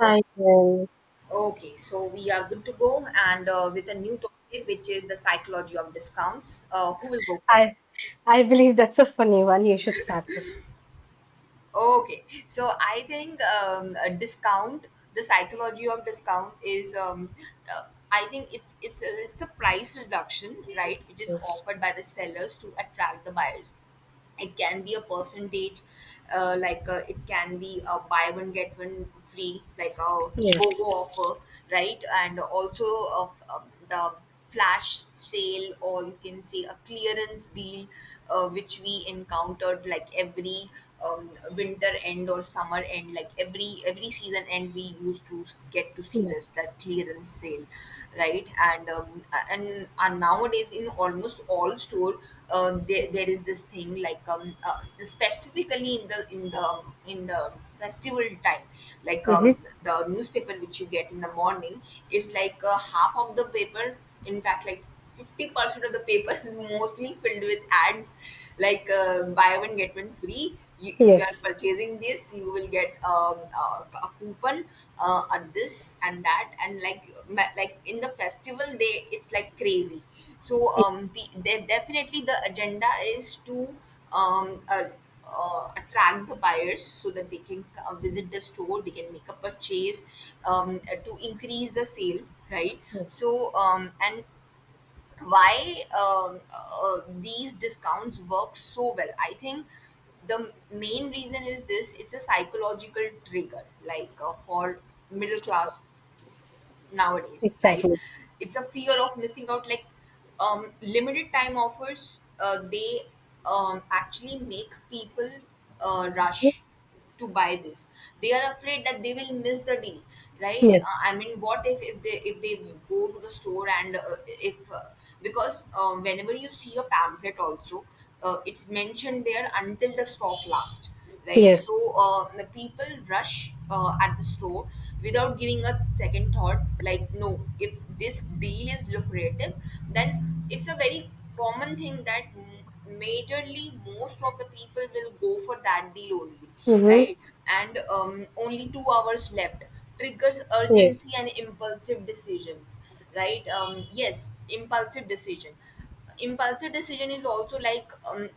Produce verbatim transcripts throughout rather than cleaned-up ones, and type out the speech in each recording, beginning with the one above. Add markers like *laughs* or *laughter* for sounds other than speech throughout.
Oh, I will. okay, so we are good to go and uh, with a new topic, which is the psychology of discounts. Uh, who will go first? I I believe that's a funny one. You should start with. Okay, so I think um, a discount, the psychology of discount is, um, uh, I think it's it's a, it's a price reduction, right, which is it. offered by the sellers to attract the buyers. It can be a percentage, uh, like, uh, it can be a buy one get one free, like a Yes. bogo offer, right, and also of, um, the flash sale, or you can say a clearance deal, uh, which we encountered like every, um, winter end or summer end, like every every season end. We used to get to see Yes. this, that clearance sale sale, right, and um, and, and nowadays in almost all store, um, there, there is this thing like, um, uh, specifically in the in the in the festival time, like, um, Mm-hmm. the newspaper which you get in the morning is like, uh, half of the paper, in fact like fifty percent of the paper, is mostly filled with ads, like, uh, buy one get one free. You, if you are Yes. purchasing this, you will get, um, a, a coupon, uh, at this and that, and like ma- like in the festival, they it's like crazy. So, um, the, they definitely the agenda is to um, uh, uh, attract the buyers so that they can uh, visit the store, they can make a purchase, um, uh, to increase the sale, right? Yes. So, um, and why, um, uh, these discounts work so well, I think the main reason is this, it's a psychological trigger like, uh, for middle class nowadays, right. Exactly. It's a fear of missing out, like, um, limited time offers, uh, they, um, actually make people, uh, rush to buy this. They are afraid that they will miss the deal, right. Yes. uh, I mean, what if if they if they go to the store, and uh, if uh, because, um, whenever you see a pamphlet also, uh, it's mentioned there, until the stock lasts, right? Yes. So, uh, the people rush, uh, at the store, without giving a second thought. Like, no, if this deal is lucrative, then it's a very common thing that m- majorly most of the people will go for that deal only, Mm-hmm. right? And, um, only two hours left triggers Yes. urgency and impulsive decisions, right? Um, yes, impulsive decision impulsive decision is also like, um,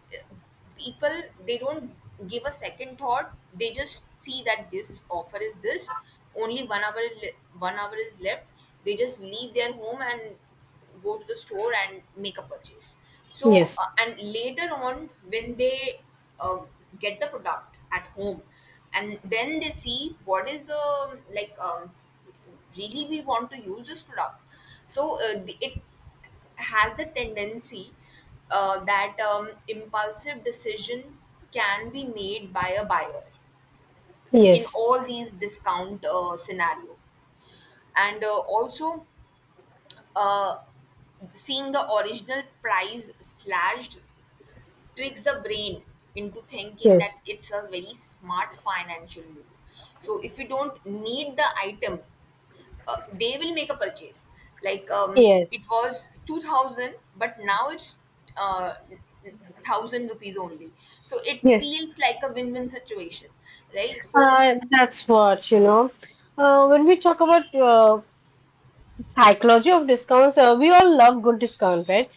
people, they don't give a second thought, they just see that this offer is this, only one hour le- one hour is left, they just leave their home and go to the store and make a purchase. So, Yes. uh, and later on, when they uh, get the product at home, and then they see what is the, like, um, really we want to use this product. So, uh, the- it has the tendency, uh, that, um, impulsive decision can be made by a buyer in Yes. all these discount, uh, scenario. And, uh, also, uh, seeing the original price slashed tricks the brain into thinking Yes. that it's a very smart financial move. So if you don't need the item, uh, they will make a purchase. Like, um, it Yes. was two thousand, but now it's, uh, thousand rupees only. So it Yes. feels like a win-win situation, right? So, Uh, that's what you know. Uh, when we talk about uh, psychology of discounts, uh, we all love good discount, right?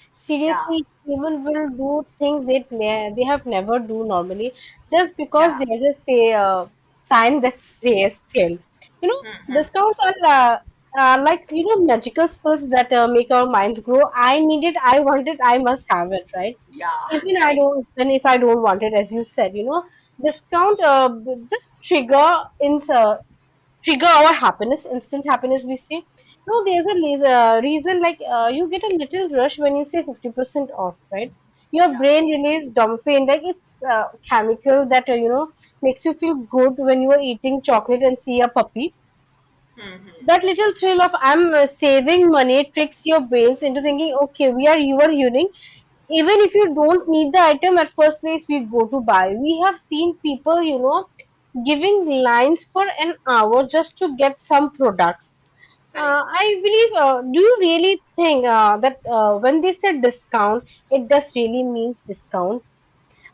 yeah, Seriously, even will do things they ne- they have never do normally, just because yeah, there's a say uh, sign that says sale, you know. Discounts are uh, are like, you know, magical spells that uh, make our minds grow. I need it, I want it, I must have it, right? yeah, *laughs* even i correct, don't Even if I don't want it, as you said, you know. Discount uh, b- just trigger in uh, trigger our happiness, instant happiness we see. No, there's a leas- uh, reason, like, uh, you get a little rush when you say fifty percent off, right? Your yeah, brain releases dopamine, like it's a uh, chemical that, uh, you know, makes you feel good when you are eating chocolate and see a puppy. That little thrill of I'm, uh, saving money tricks your brains into thinking, okay, we are you are earning. Even if you don't need the item at first place, we go to buy. We have seen people, you know, giving lines for an hour just to get some products. correct, Uh, I believe, uh, do you really think uh, that uh, when they say discount, it does really means discount?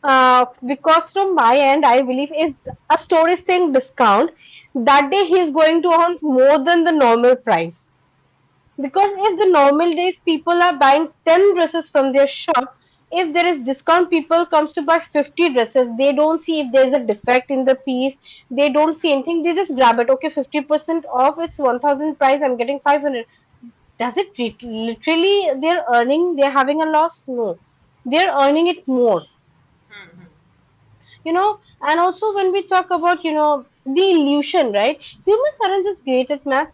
uh, Because from my end, I believe if a store is saying discount, that day he is going to earn more than the normal price. Because if the normal days people are buying ten dresses from their shop, if there is discount, people comes to buy fifty dresses. They don't see if there is a defect in the piece. They don't see anything. They just grab it. Okay, fifty percent off. It's one thousand price. I'm getting five hundred. Does it lit- literally they're earning, they're having a loss? No. They're earning it more, you know. And also when we talk about, you know, the illusion, right? Humans aren't just great at math.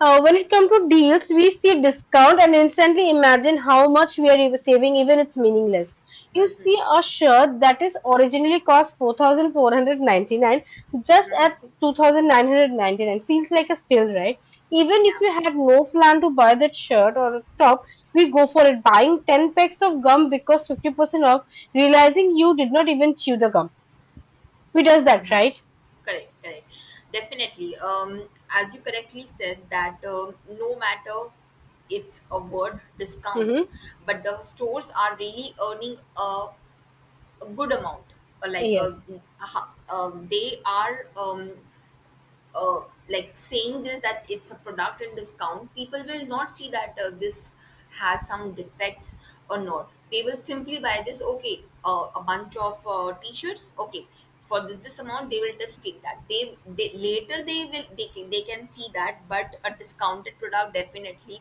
uh, When it comes to deals, we see discount and instantly imagine how much we are ev- saving, even it's meaningless. You see a shirt that is originally cost four thousand four hundred ninety-nine just at hmm, two thousand nine hundred ninety-nine feels like a steal, right? Even if yeah, you had no plan to buy that shirt or top, we go for it, buying ten packs of gum because fifty percent off, realizing you did not even chew the gum. We does that, right? correct, correct. Definitely, um, as you correctly said that, um, no matter it's a word discount, Mm-hmm. but the stores are really earning a a good amount, uh, like, uh, Yes, uh, they are, um, uh, like saying this, that it's a product and discount, people will not see that, uh, this has some defects or not, they will simply buy this. Okay, uh, a bunch of, uh, t-shirts, okay, for this, this amount they will just take that. They, they later they will they can, they can see that. But a discounted product, definitely,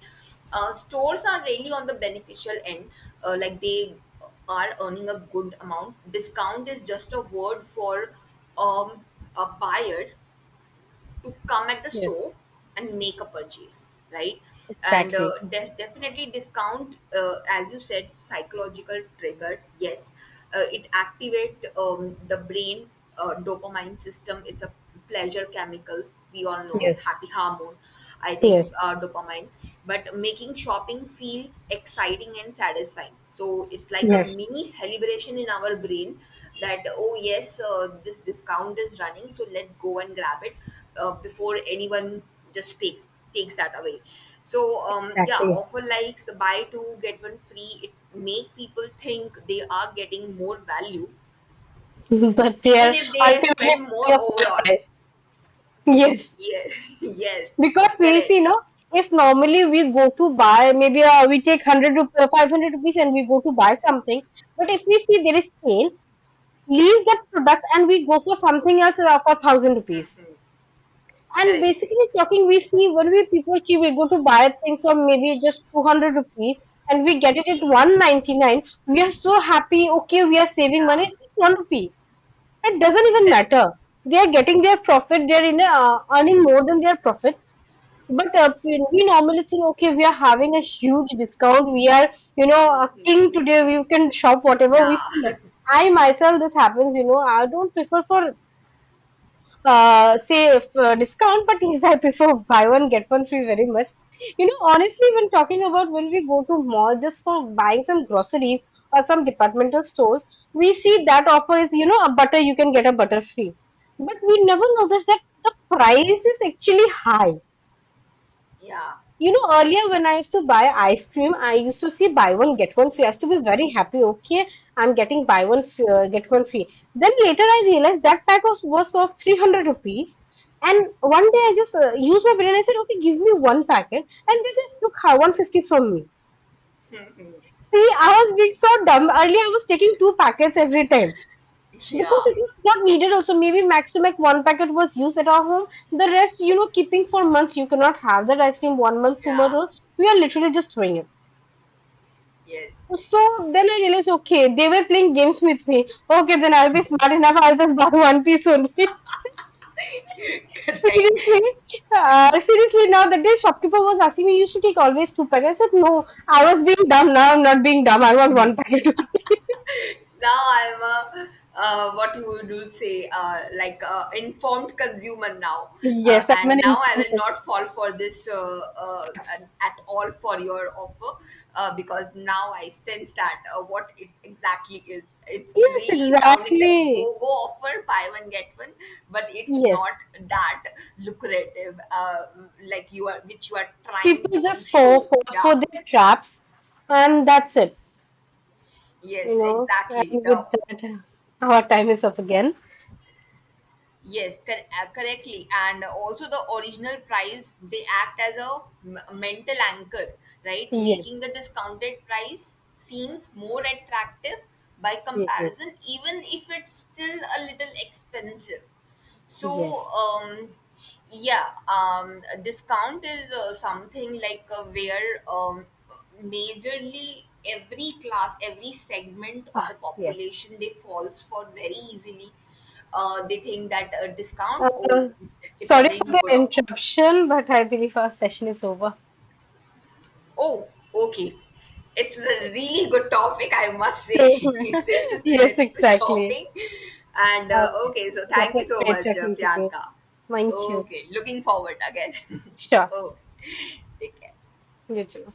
uh, stores are really on the beneficial end, uh, like they are earning a good amount. Discount is just a word for, um, a buyer to come at the yes, store and make a purchase, right. And exactly. uh, de- definitely, discount, uh, as you said, psychological trigger, yes. Uh, it activate, um, the brain, uh, dopamine system. It's a pleasure chemical, we all know, Yes, happy hormone. I think, yes, uh, dopamine, but making shopping feel exciting and satisfying. So it's like a yes, mini celebration in our brain that, oh, yes, uh, this discount is running, so let's go and grab it, uh, before anyone just takes takes that away. So, um, yeah, exactly. offer likes, buy two, get one free. It make people think they are getting more value, *laughs* But they even are if they ultimately spend more paying a full overall. price. Yes, Yeah, *laughs* yes, because we correct. see, no, if normally we go to buy, maybe, uh, we take hundred rupees, five hundred rupees and we go to buy something. But if we see there is sale, leave that product and we go for something else uh, for thousand rupees. Hmm. And Correct. basically talking, we see when we people see we go to buy things for maybe just two hundred rupees and we get it at one ninety-nine, we are so happy, okay, we are saving money, Yeah, it's just one rupee. It doesn't even correct. matter. They are getting their profit, they are in a, uh, earning more than their profit. But uh, we we normally think, okay, we are having a huge discount, we are, you know, Hmm, a hmm, king hmm. today, we can shop whatever Yeah, we feel like. *laughs* I myself, this happens, you know, I don't prefer for, uh, say, uh, discount, but yes, I prefer *laughs* buy one get one free very much. You know, honestly, when talking about when we go to mall just for buying some groceries or some departmental stores, we see that offer is, you know, a butter you can get a butter free, but we never notice that the price is actually high. yeah, You know, earlier when I used to buy ice cream, I used to see buy one get one free. I used to be very happy. Okay, I'm getting buy one free, uh, get one free. Then later I realized that pack was was worth three hundred rupees. And one day I just, uh, used my brain. I said, okay, give me one packet, and they just took one fifty from me. See, I was being so dumb. Earlier I was taking two packets every time. Because it yeah, is not needed also. Maybe max to max one packet was used at our home. The rest, you know, keeping for months, you cannot have that ice cream one month, two yeah, months. We are literally just throwing it. yes, So then I realized, okay, they were playing games with me. Okay, then I'll be smart enough. I'll just buy one piece only. *laughs* *laughs* correct. Seriously, uh, seriously. Now that day, shopkeeper was asking me, you should take always two packets. I said, no, I was being dumb. Now I'm not being dumb. I want one packet. Now I'm a, uh, what you would say, uh, like, uh, informed consumer now, *laughs* uh, Yes, I'm and an now I will income. not fall for this, uh, uh, at at all for your offer, uh, because now I sense that, uh, what it's exactly is. It's Yes, really sounding like exactly. go go offer, buy one get one, but it's not Yes. that lucrative, uh, like you are, which you are trying People to just fall, show. fall for Yeah. their traps, and that's it, you Yes, know. And exactly. The with that, our time is up again. Yes, cor- uh, correctly. And also the original price, they act as a m- mental anchor, right? Making Yes. the discounted price seems more attractive by Mhm. comparison, even if it's still a little expensive. So, Yes. um, yeah, um, a discount is, uh, something like, uh, where, um, majorly every class, every segment of the Yes. population, they falls for very easily. Uh, they think that a discount, oh, uh, it's a Sorry for really the good offer. interruption, but I believe our session is over. Oh, okay. It's a really good topic, I must say, *laughs* since *laughs* it's Yes, related to exactly. shopping. And, uh, Okay, okay, so that thank you was so great much, uh, talking to you. Priyanka. Thank you. Okay, looking forward again. *laughs* Sure. Oh, take care. You too.